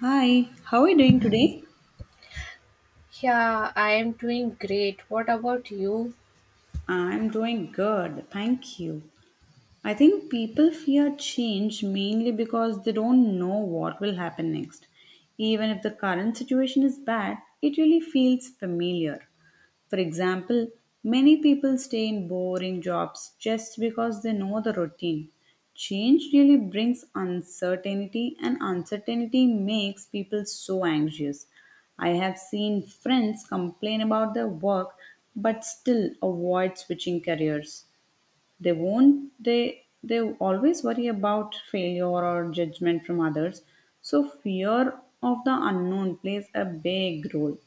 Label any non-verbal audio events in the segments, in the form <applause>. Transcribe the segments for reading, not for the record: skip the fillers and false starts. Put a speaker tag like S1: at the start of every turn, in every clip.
S1: Hi, how are you doing today?
S2: Yeah, I am doing great. What about you?
S1: I'm doing good, thank you. I think people fear change mainly because they don't know what will happen next. Even if the current situation is bad, it really feels familiar. For example, many people stay in boring jobs just because they know the routine. Change really brings uncertainty, and uncertainty makes people so anxious. I have seen friends complain about their work but still avoid switching careers. They won't they they always worry about failure or judgment from others, so fear of the unknown plays a big role.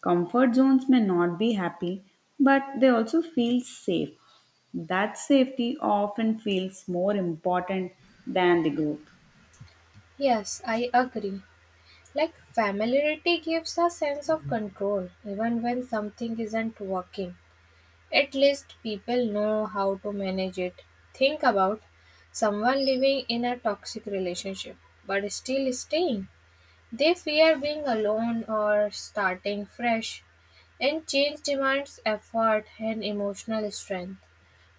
S1: Comfort zones may not be happy, but they also feel safe. That safety often feels more important than the growth.
S2: Yes, I agree. Like, familiarity gives a sense of control even when something isn't working. At least people know how to manage it. Think about someone living in a toxic relationship but still staying. They fear being alone or starting fresh, and change demands effort and emotional strength,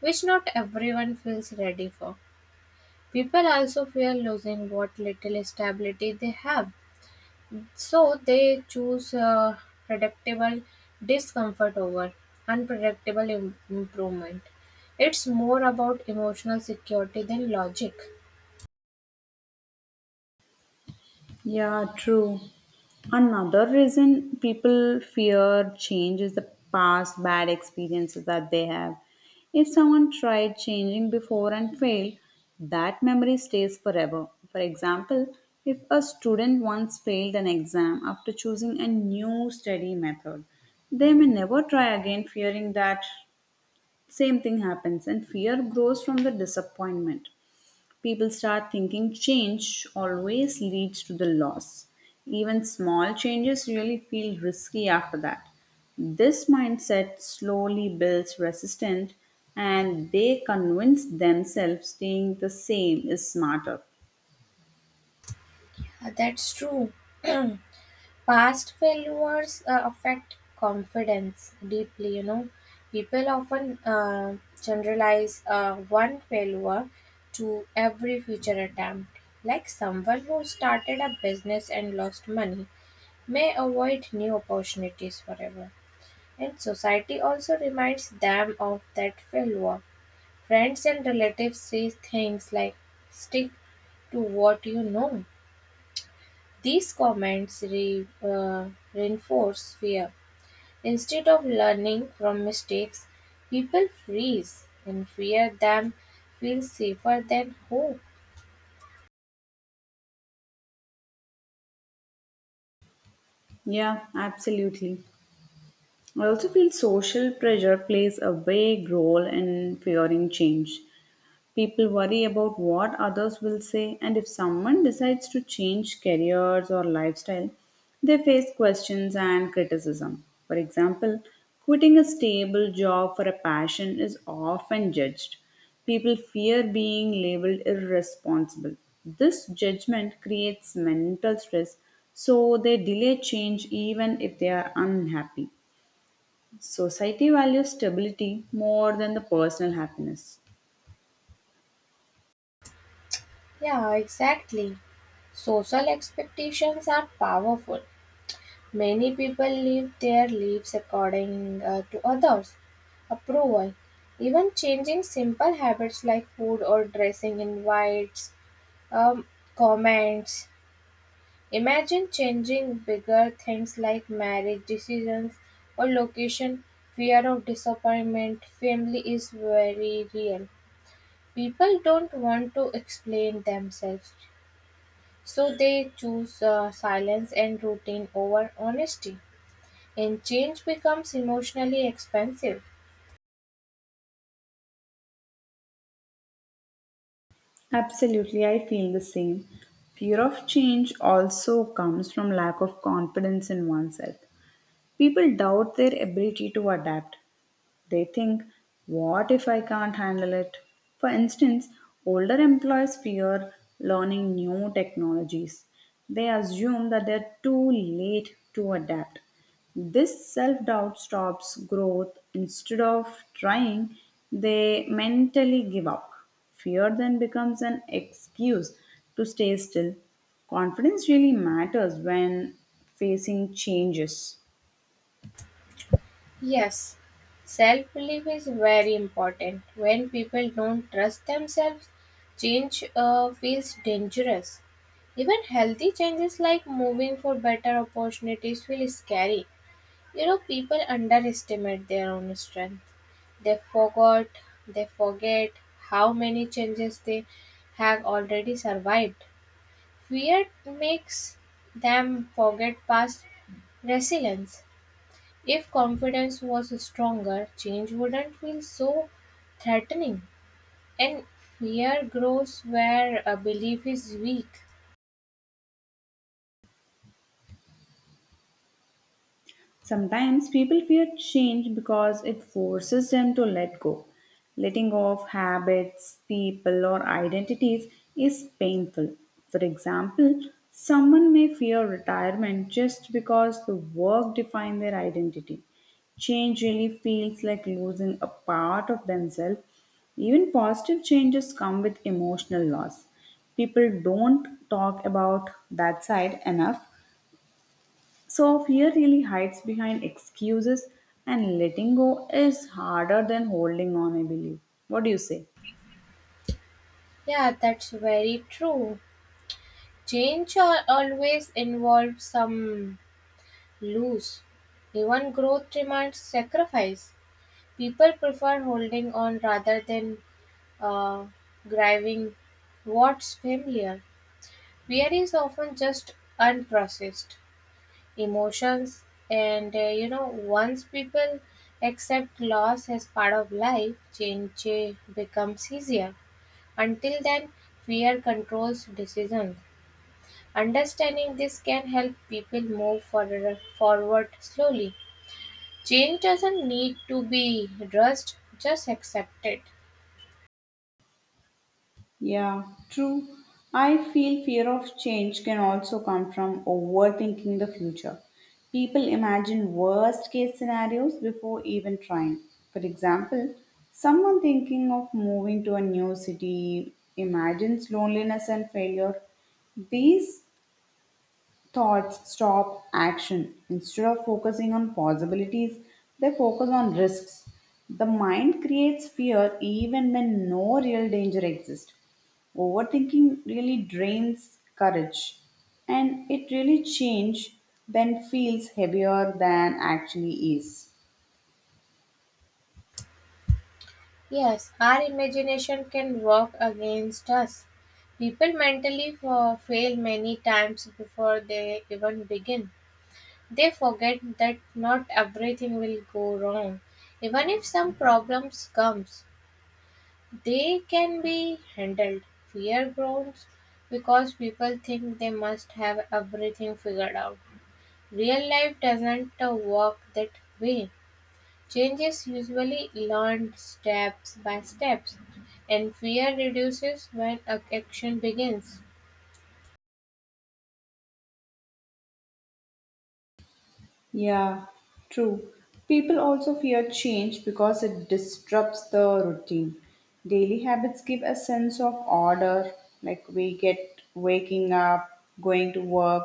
S2: which not everyone feels ready for. People also fear losing what little stability they have, so they choose predictable discomfort over unpredictable improvement. It's more about emotional security than logic.
S1: Yeah, true. Another reason people fear change is the past bad experiences that they have. If someone tried changing before and failed, that memory stays forever. For example, if a student once failed an exam after choosing a new study method, they may never try again, fearing that same thing happens, and fear grows from the disappointment. People start thinking change always leads to the loss. Even small changes really feel risky after that. This mindset slowly builds resistance, and they convince themselves staying the same is smarter.
S2: That's true. <clears throat> Past failures affect confidence deeply, you know. People often generalize one failure to every future attempt. Like someone who started a business and lost money may avoid new opportunities forever. And society also reminds them of that failure. Friends and relatives say things like, stick to what you know. These comments reinforce fear. Instead of learning from mistakes, people freeze and fear them feels safer than hope.
S1: Yeah, absolutely. I also feel social pressure plays a big role in fearing change. People worry about what others will say, and if someone decides to change careers or lifestyle, they face questions and criticism. For example, quitting a stable job for a passion is often judged. People fear being labeled irresponsible. This judgment creates mental stress, so they delay change even if they are unhappy. Society values stability more than the personal happiness.
S2: Yeah, exactly. Social expectations are powerful. Many people live their lives according to others' approval. Even changing simple habits like food or dressing invites um, comments. Imagine changing bigger things like marriage decisions or location, fear of disappointment, family is very real. People don't want to explain themselves, so they choose silence and routine over honesty, and change becomes emotionally expensive.
S1: Absolutely, I feel the same. Fear of change also comes from lack of confidence in oneself. People doubt their ability to adapt. They think, what if I can't handle it? For instance, older employees fear learning new technologies. They assume that they're too late to adapt. This self doubt stops growth. Instead of trying, they mentally give up. Fear then becomes an excuse to stay still. Confidence really matters when facing changes.
S2: Yes, self belief is very important. When people don't trust themselves, change feels dangerous. Even healthy changes like moving for better opportunities feel scary. You know, people underestimate their own strength. They forgot, they forget how many changes they have already survived. Fear makes them forget past resilience. If confidence was stronger, change wouldn't feel so threatening. And fear grows where a belief is weak.
S1: Sometimes people fear change because it forces them to let go. Letting go of habits, people, or identities is painful. For example, someone may fear retirement just because the work defines their identity. Change really feels like losing a part of themselves. Even positive changes come with emotional loss. People don't talk about that side enough. So fear really hides behind excuses, and letting go is harder than holding on, I believe. What do you say?
S2: Yeah, that's very true. Change always involves some lose. Even growth demands sacrifice. People prefer holding on rather than uh, grabbing what's familiar. Fear is often just unprocessed emotions, and you know, once people accept loss as part of life, change becomes easier. Until then, fear controls decisions. Understanding this can help people forward slowly. Change doesn't need to be rushed, just accept it.
S1: Yeah, true. I feel fear of change can also come from overthinking the future. People imagine worst case scenarios before even trying. For example, someone thinking of moving to a new city imagines loneliness and failure. These thoughts stop action. Instead of focusing on possibilities, they focus on risks. The mind creates fear even when no real danger exists. Overthinking really drains courage, and it really change when feels heavier than actually is.
S2: Yes, our imagination can work against us. People mentally fail many times before they even begin. They forget that not everything will go wrong. Even if some problems comes, they can be handled. Fear grows because people think they must have everything figured out. Real life doesn't work that way. Change is usually learned steps by steps, and fear reduces when action begins.
S1: Yeah, true. People also fear change because it disrupts the routine. Daily habits give a sense of order, like we get waking up, going to work,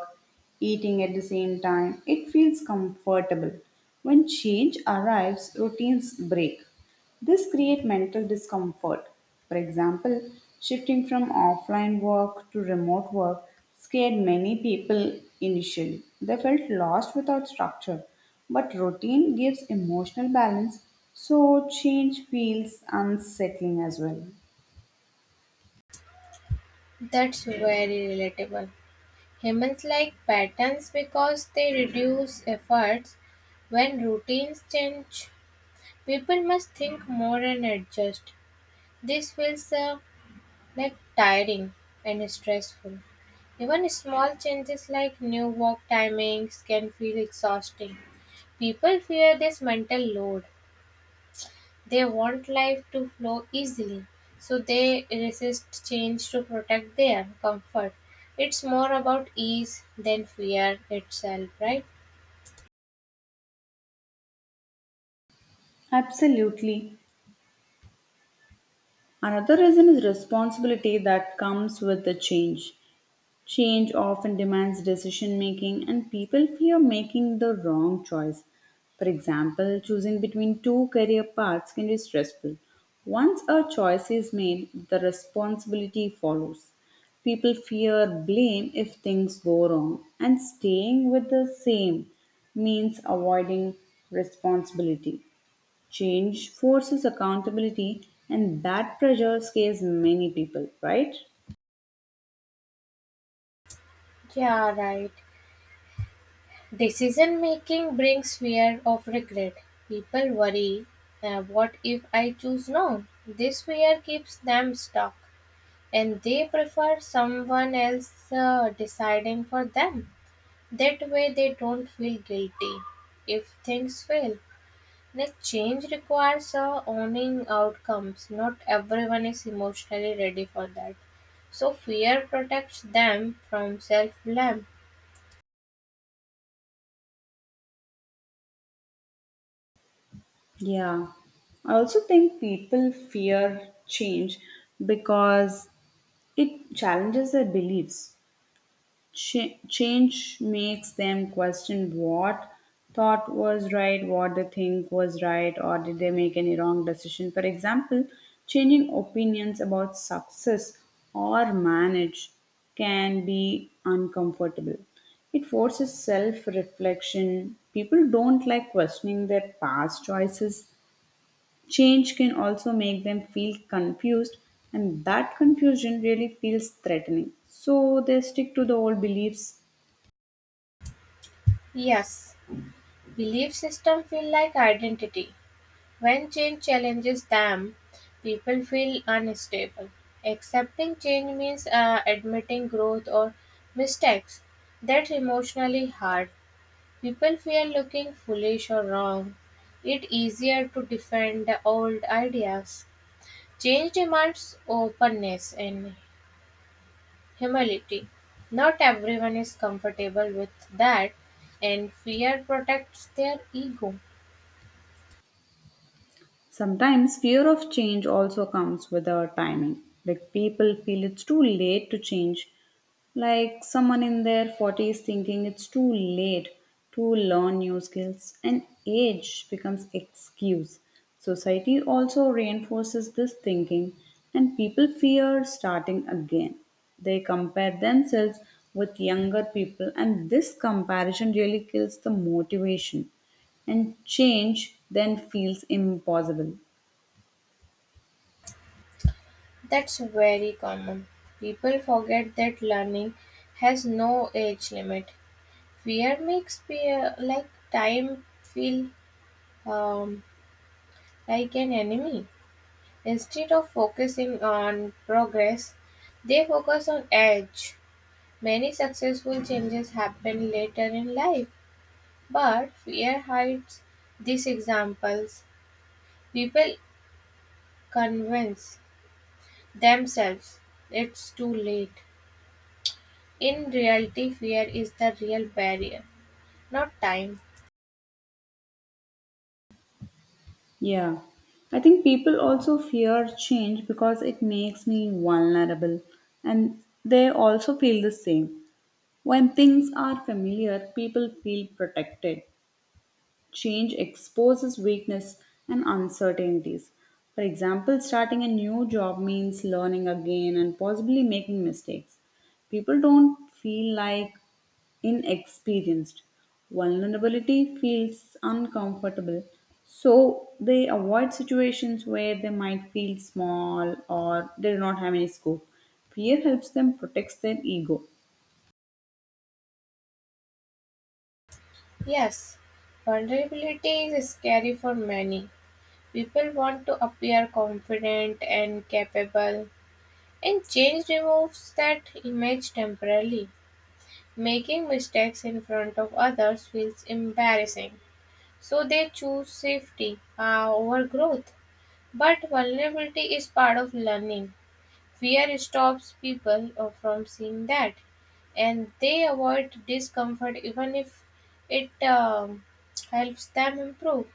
S1: eating at the same time. It feels comfortable. When change arrives, routines break. This create mental discomfort. For example, shifting from offline work to remote work scared many people initially. They felt lost without structure, but routine gives emotional balance, so change feels unsettling as well.
S2: That's very relatable. Humans like patterns because they reduce efforts. When routines change, people must think more and adjust. This feels like tiring and stressful. Even small changes like new work timings can feel exhausting. People fear this mental load. They want life to flow easily, so they resist change to protect their comfort. It's more about ease than fear itself, right?
S1: Absolutely. Another reason is responsibility that comes with the change. Change often demands decision making, and people fear making the wrong choice. For example, choosing between two career paths can be stressful. Once a choice is made, the responsibility follows. People fear blame if things go wrong, and staying with the same means avoiding responsibility. Change forces accountability, and that pressure scares many people, right?
S2: Yeah, right. Decision making brings fear of regret. People worry, what if I choose no? This fear keeps them stuck, and they prefer someone else deciding for them. That way, they don't feel guilty if things fail. Next change requires owning outcomes. Not everyone is emotionally ready for that. So, fear protects them from self blame.
S1: Yeah. I also think people fear change because it challenges their beliefs. Change makes them question what thought was right, what they think was right, or did they make any wrong decision. For example, changing opinions about success or manage can be uncomfortable. It forces self reflection. People don't like questioning their past choices. Change can also make them feel confused, and that confusion really feels threatening. So they stick to the old beliefs.
S2: Yes, belief system feel like identity. When change challenges them, people feel unstable. Accepting change means admitting growth or mistakes. That's emotionally hard. People fear looking foolish or wrong. It's easier to defend the old ideas. Change demands openness and humility. Not everyone is comfortable with that, and fear protects their ego.
S1: Sometimes fear of change also comes with our timing. Like people feel it's too late to change. Like someone in their 40s thinking it's too late to learn new skills, and age becomes excuse. Society also reinforces this thinking, and people fear starting again. They compare themselves with younger people, and this comparison really kills the motivation, and change then feels impossible.
S2: That's very common. People forget that learning has no age limit. Fear makes fear like time feel um, like an enemy. Instead of focusing on progress, they focus on edge. Many successful changes happen later in life, but fear hides these examples. People convince themselves it's too late. In reality, fear is the real barrier, not time.
S1: Yeah. I think people also fear change because it makes me vulnerable, and they also feel the same. When things are familiar, people feel protected. Change exposes weakness and uncertainties. For example, starting a new job means learning again and possibly making mistakes. People don't feel like inexperienced. Vulnerability feels uncomfortable, so they avoid situations where they might feel small or they do not have any scope. Fear helps them protect their ego.
S2: Yes, vulnerability is scary for many. People want to appear confident and capable, and change removes that image temporarily. Making mistakes in front of others feels embarrassing, so they choose safety over growth. But vulnerability is part of learning. Fear stops people from seeing that, and they avoid discomfort even if it helps them improve.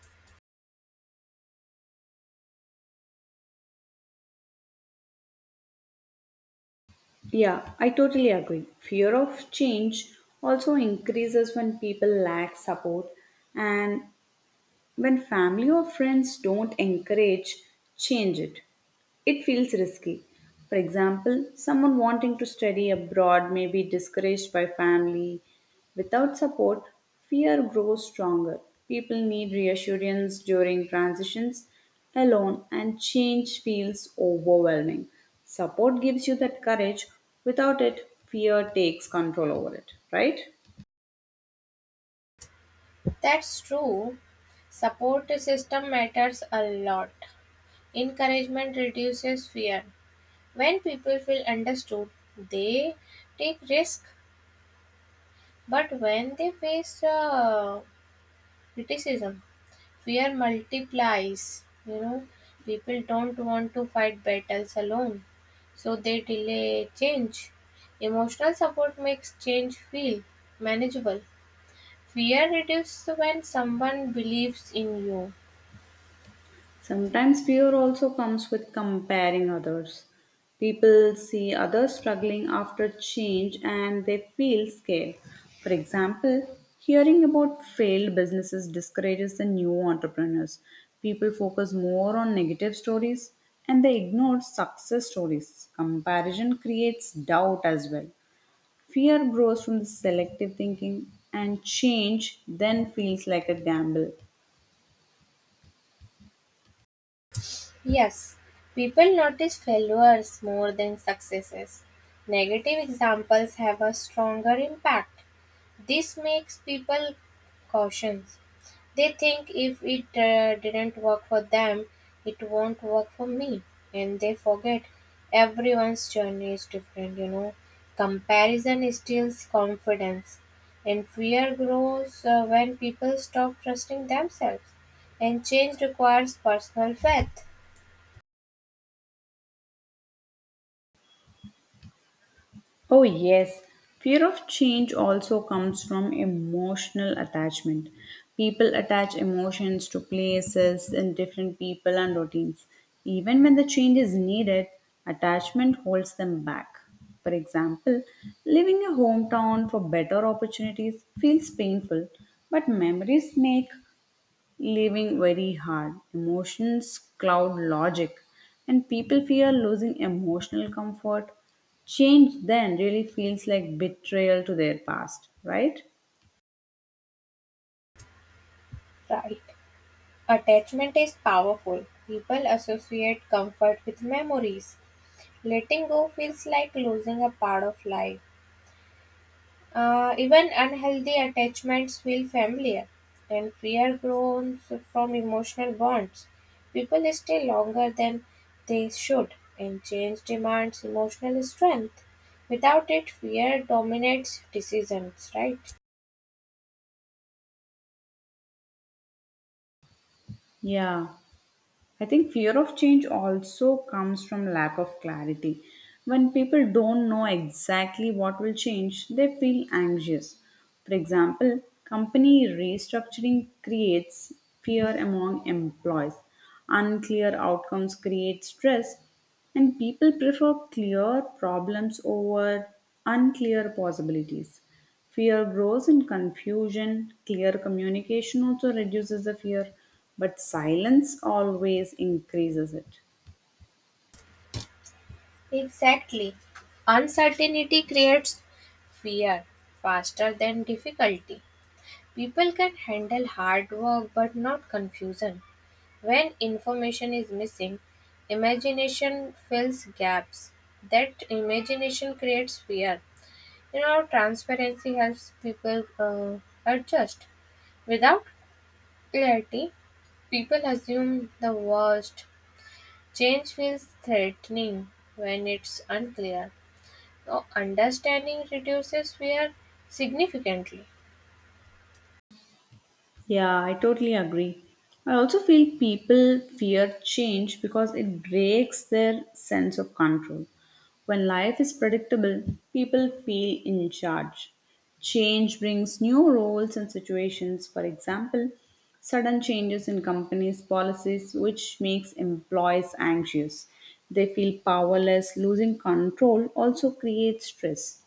S1: Yeah, I totally agree. Fear of change also increases when people lack support, and when family or friends don't encourage change, it feels risky. For example, someone wanting to study abroad may be discouraged by family. Without support, fear grows stronger. People need reassurance during transitions alone, and change feels overwhelming. Support gives you that courage. Without it, fear takes control over it, right?
S2: That's true. Support system matters a lot. Encouragement reduces fear. When people feel understood, they take risk. But when they face criticism, fear multiplies, you know, people don't want to fight battles alone, so they delay change. Emotional support makes change feel manageable. Fear reduces when someone believes in you.
S1: Sometimes fear also comes with comparing others. People see others struggling after change and they feel scared. For example, hearing about failed businesses discourages the new entrepreneurs. People focus more on negative stories and they ignore success stories. Comparison creates doubt as well. Fear grows from the selective thinking, and change then feels like a gamble.
S2: Yes, people notice failures more than successes. Negative examples have a stronger impact. This makes people cautious. They think if it didn't work for them, it won't work for me. And they forget everyone's journey is different, you know. Comparison steals confidence, and fear grows when people stop trusting themselves. And change requires personal faith,
S1: Oh, yes. Fear of change also comes from emotional attachment. People attach emotions to places and different people and routines. Even when the change is needed, attachment holds them back. For example, leaving a hometown for better opportunities feels painful, but memories make living very hard. Emotions cloud logic, and people fear losing emotional comfort. Change then really feels like betrayal to their past, right?
S2: right? Attachment is powerful. People associate comfort with memories. Letting go feels like losing a part of life. Even unhealthy attachments feel familiar, and fear grows from emotional bonds. People stay longer than they should, and change demands emotional strength. Without it, fear dominates decisions, right?
S1: Yeah. I think fear of change also comes from lack of clarity. When people don't know exactly what will change, they feel anxious. For example, company restructuring creates fear among employees. Unclear outcomes create stress, and people prefer clear problems over unclear possibilities. Fear grows in confusion. Clear communication also reduces the fear, but silence always increases it.
S2: Exactly. Uncertainty creates fear faster than difficulty. People can handle hard work but not confusion. When information is missing, imagination fills gaps. That imagination creates fear. You know, transparency helps people adjust. Without clarity, people assume the worst. Change feels threatening when it's unclear. So, understanding reduces fear significantly.
S1: Yeah, I totally agree. I also feel people fear change because it breaks their sense of control. When life is predictable, people feel in charge. Change brings new roles and situations. For example, sudden changes in companies' policies, which makes employees anxious. They feel powerless. Losing control also creates stress.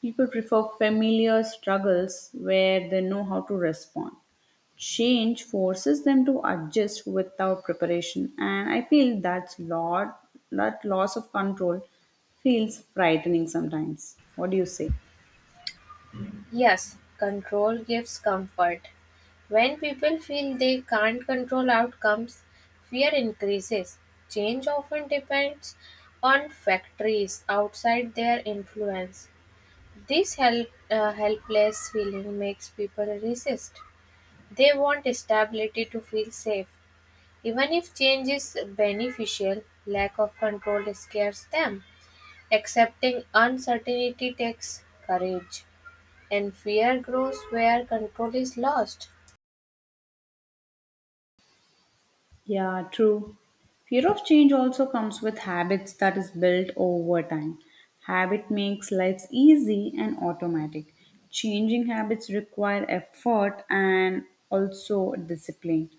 S1: People prefer familiar struggles where they know how to respond. Change forces them to adjust without preparation, and I feel that's lot, that loss of control feels frightening sometimes. What do you say?
S2: Yes, control gives comfort. When people feel they can't control outcomes, fear increases. Change often depends on factories outside their influence. This helpless feeling makes people resist. They want stability to feel safe. Even if change is beneficial, lack of control scares them. Accepting uncertainty takes courage, and fear grows where control is lost.
S1: Yeah, true. Fear of change also comes with habits that is built over time. Habit makes life easy and automatic. Changing habits require effort and also discipline.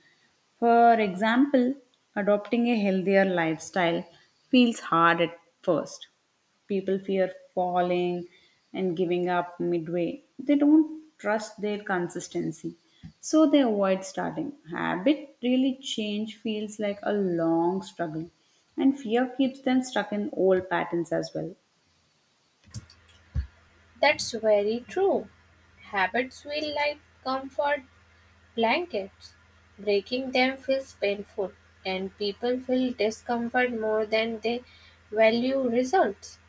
S1: For example, adopting a healthier lifestyle feels hard at first. People fear falling and giving up midway. They don't trust their consistency, so they avoid starting. Habit really change feels like a long struggle, and fear keeps them stuck in old patterns as well.
S2: That's very true. Habits feel like comfort blankets. Breaking them feels painful, and people feel discomfort more than they value results.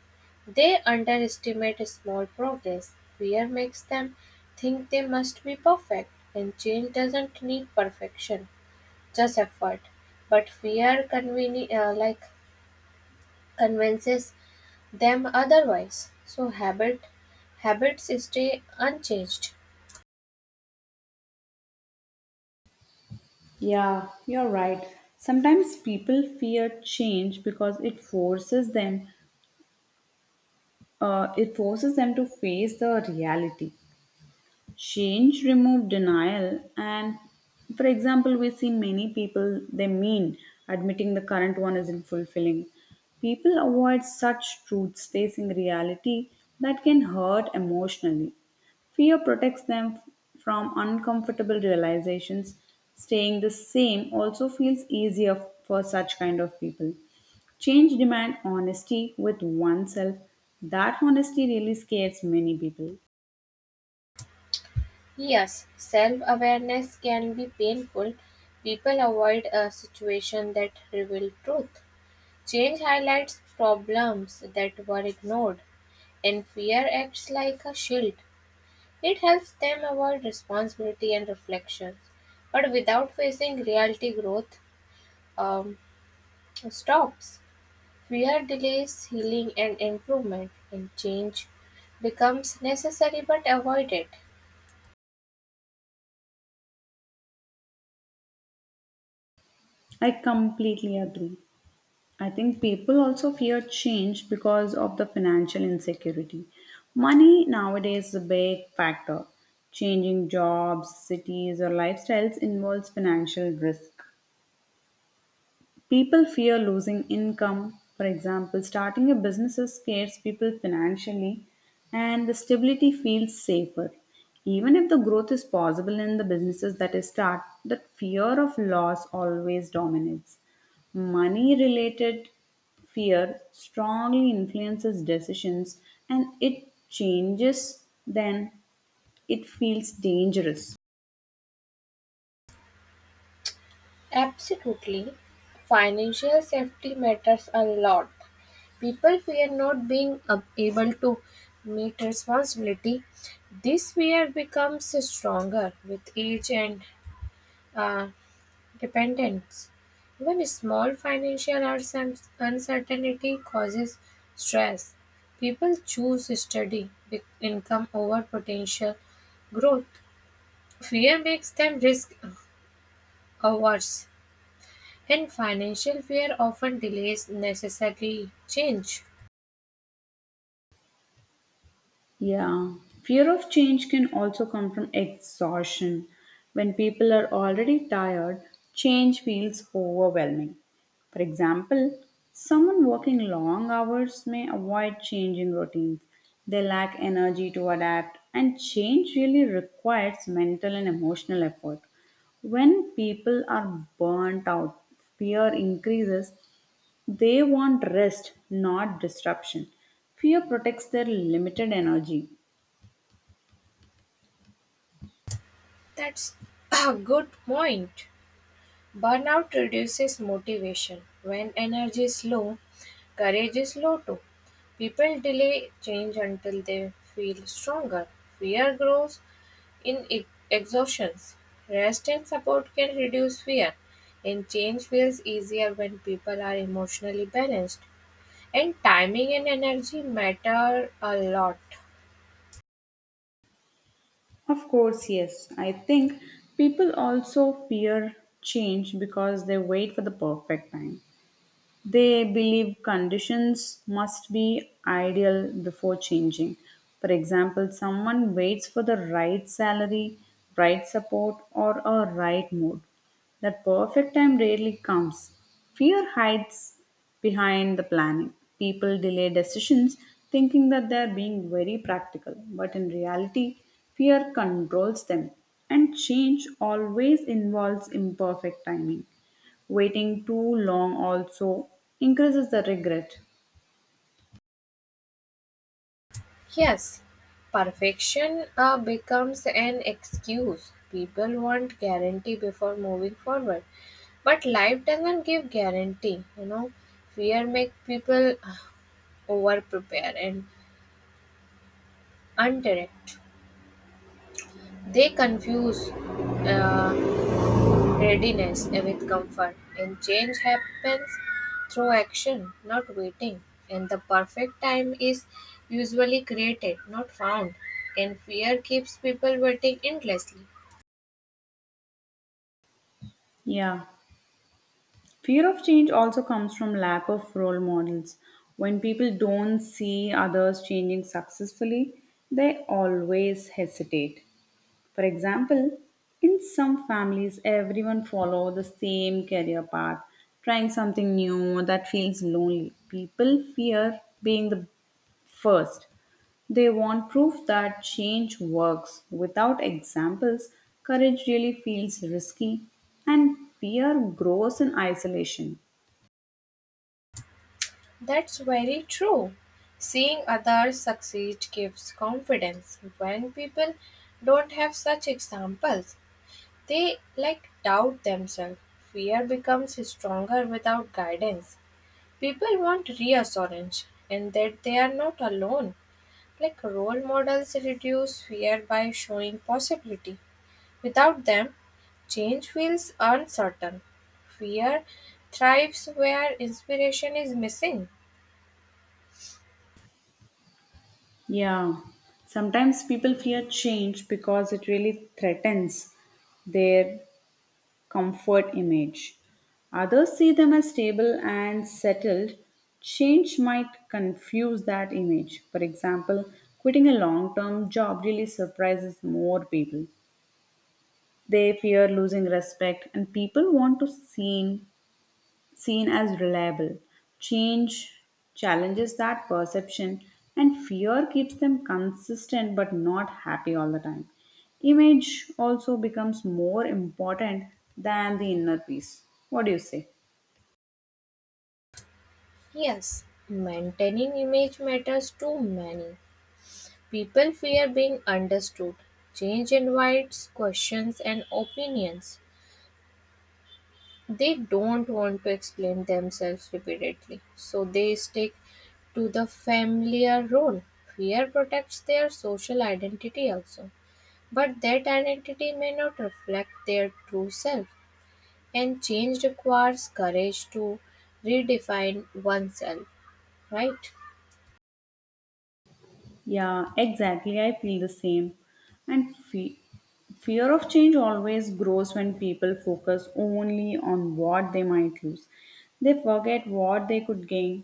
S2: They underestimate small progress. Fear makes them think they must be perfect, and change doesn't need perfection, just effort. But fear convinces them otherwise. So habits stay unchanged.
S1: Yeah, you're right. Sometimes people fear change because it forces them, it forces them to face the reality. Change remove denial, and for example, we see many people they mean admitting the current one isn't fulfilling. People avoid such truths. Facing reality, that can hurt emotionally. Fear protects them from uncomfortable realizations. Staying the same also feels easier for such kind of people. Change demand honesty with oneself. That honesty really scares many people.
S2: Yes, self-awareness can be painful. People avoid a situation that reveal truth. Change highlights problems that were ignored, and fear acts like a shield. It helps them avoid responsibility and reflection. But without facing reality, growth um, stops. Fear delays healing and improvement, and change becomes necessary but avoided.
S1: I completely agree. I think people also fear change because of the financial insecurity. Money nowadays is a big factor. Changing jobs, cities, or lifestyles involves financial risk. People fear losing income. For example, starting a business scares people financially, and the stability feels safer. Even if the growth is possible in the businesses that is start, the fear of loss always dominates. Money related fear strongly influences decisions, and it changes, then it feels dangerous.
S2: Absolutely. Financial safety matters a lot. People fear not being able to meet responsibility. This fear becomes stronger with age and uh, dependence. Even small financial uncertainty causes stress. People choose steady income over potential growth. Fear makes them risk averse. And financial fear often delays necessary change.
S1: Yeah, fear of change can also come from exhaustion. When people are already tired, change feels overwhelming. For example, someone working long hours may avoid changing routines. They lack energy to adapt, and change really requires mental and emotional effort. When people are burnt out, fear increases. They want rest, not disruption. Fear protects their limited energy.
S2: That's a good point. Burnout reduces motivation. When energy is low, courage is low too. People delay change until they feel stronger. Fear grows in exhaustions. Rest and support can reduce fear, and change feels easier when people are emotionally balanced. And timing and energy matter a lot.
S1: Of course, yes. I think people also fear change because they wait for the perfect time. They believe conditions must be ideal before changing. For example, someone waits for the right salary, right support, or a right mood. That perfect time rarely comes. Fear hides behind the planning. People delay decisions thinking that they are being very practical, but in reality, fear controls them, and change always involves imperfect timing. Waiting too long also increases the regret.
S2: Yes, perfection becomes an excuse. People want guarantee before moving forward, but life doesn't give guarantee. You know, fear make people over prepare and undirect. They confuse readiness with comfort, and change happens through action, not waiting. And the perfect time is usually created, not found. And fear keeps people waiting endlessly.
S1: Yeah. Fear of change also comes from lack of role models. When people don't see others changing successfully, they always hesitate. For example, in some families everyone follow the same career path, trying something new that feels lonely. People fear being the first. They want proof that change works. Without examples, courage really feels risky, and fear grows in isolation.
S2: That's very true. Seeing others succeed gives confidence. When people don't have such examples, they like doubt themselves. Fear becomes stronger without guidance. People want reassurance and that they are not alone. Like role models reduce fear by showing possibility. Without them, change feels uncertain. Fear thrives where inspiration is missing.
S1: Yeah, sometimes people fear change because it really threatens their comfort image. Others see them as stable and settled. Change might confuse that image. For example, quitting a long term job really surprises more people. They fear losing respect, and people want to seen, seen as reliable. Change challenges that perception, and fear keeps them consistent but not happy all the time. Image also becomes more important than the inner peace. What do you say?
S2: Yes, maintaining image matters to many. People fear being understood, change invites questions and opinions. They don't want to explain themselves repeatedly, so they stick to the familiar role. Fear protects their social identity also, but that identity may not reflect their true self, and change requires courage to redefine oneself, right?
S1: Yeah, exactly. I feel the same. And fear of change always grows when people focus only on what they might lose. They forget what they could gain.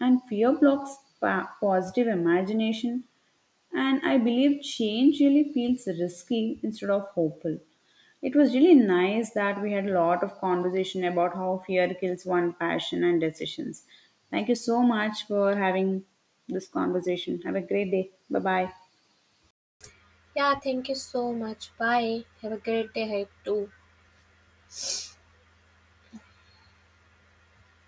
S1: And fear blocks positive imagination. And I believe change really feels risky instead of hopeful. It was really nice that we had a lot of conversation about how fear kills one passion and decisions. Thank you so much for having this conversation. Have a great day. Bye bye.
S2: Yeah, thank you so much. Bye. Have a great day ahead too.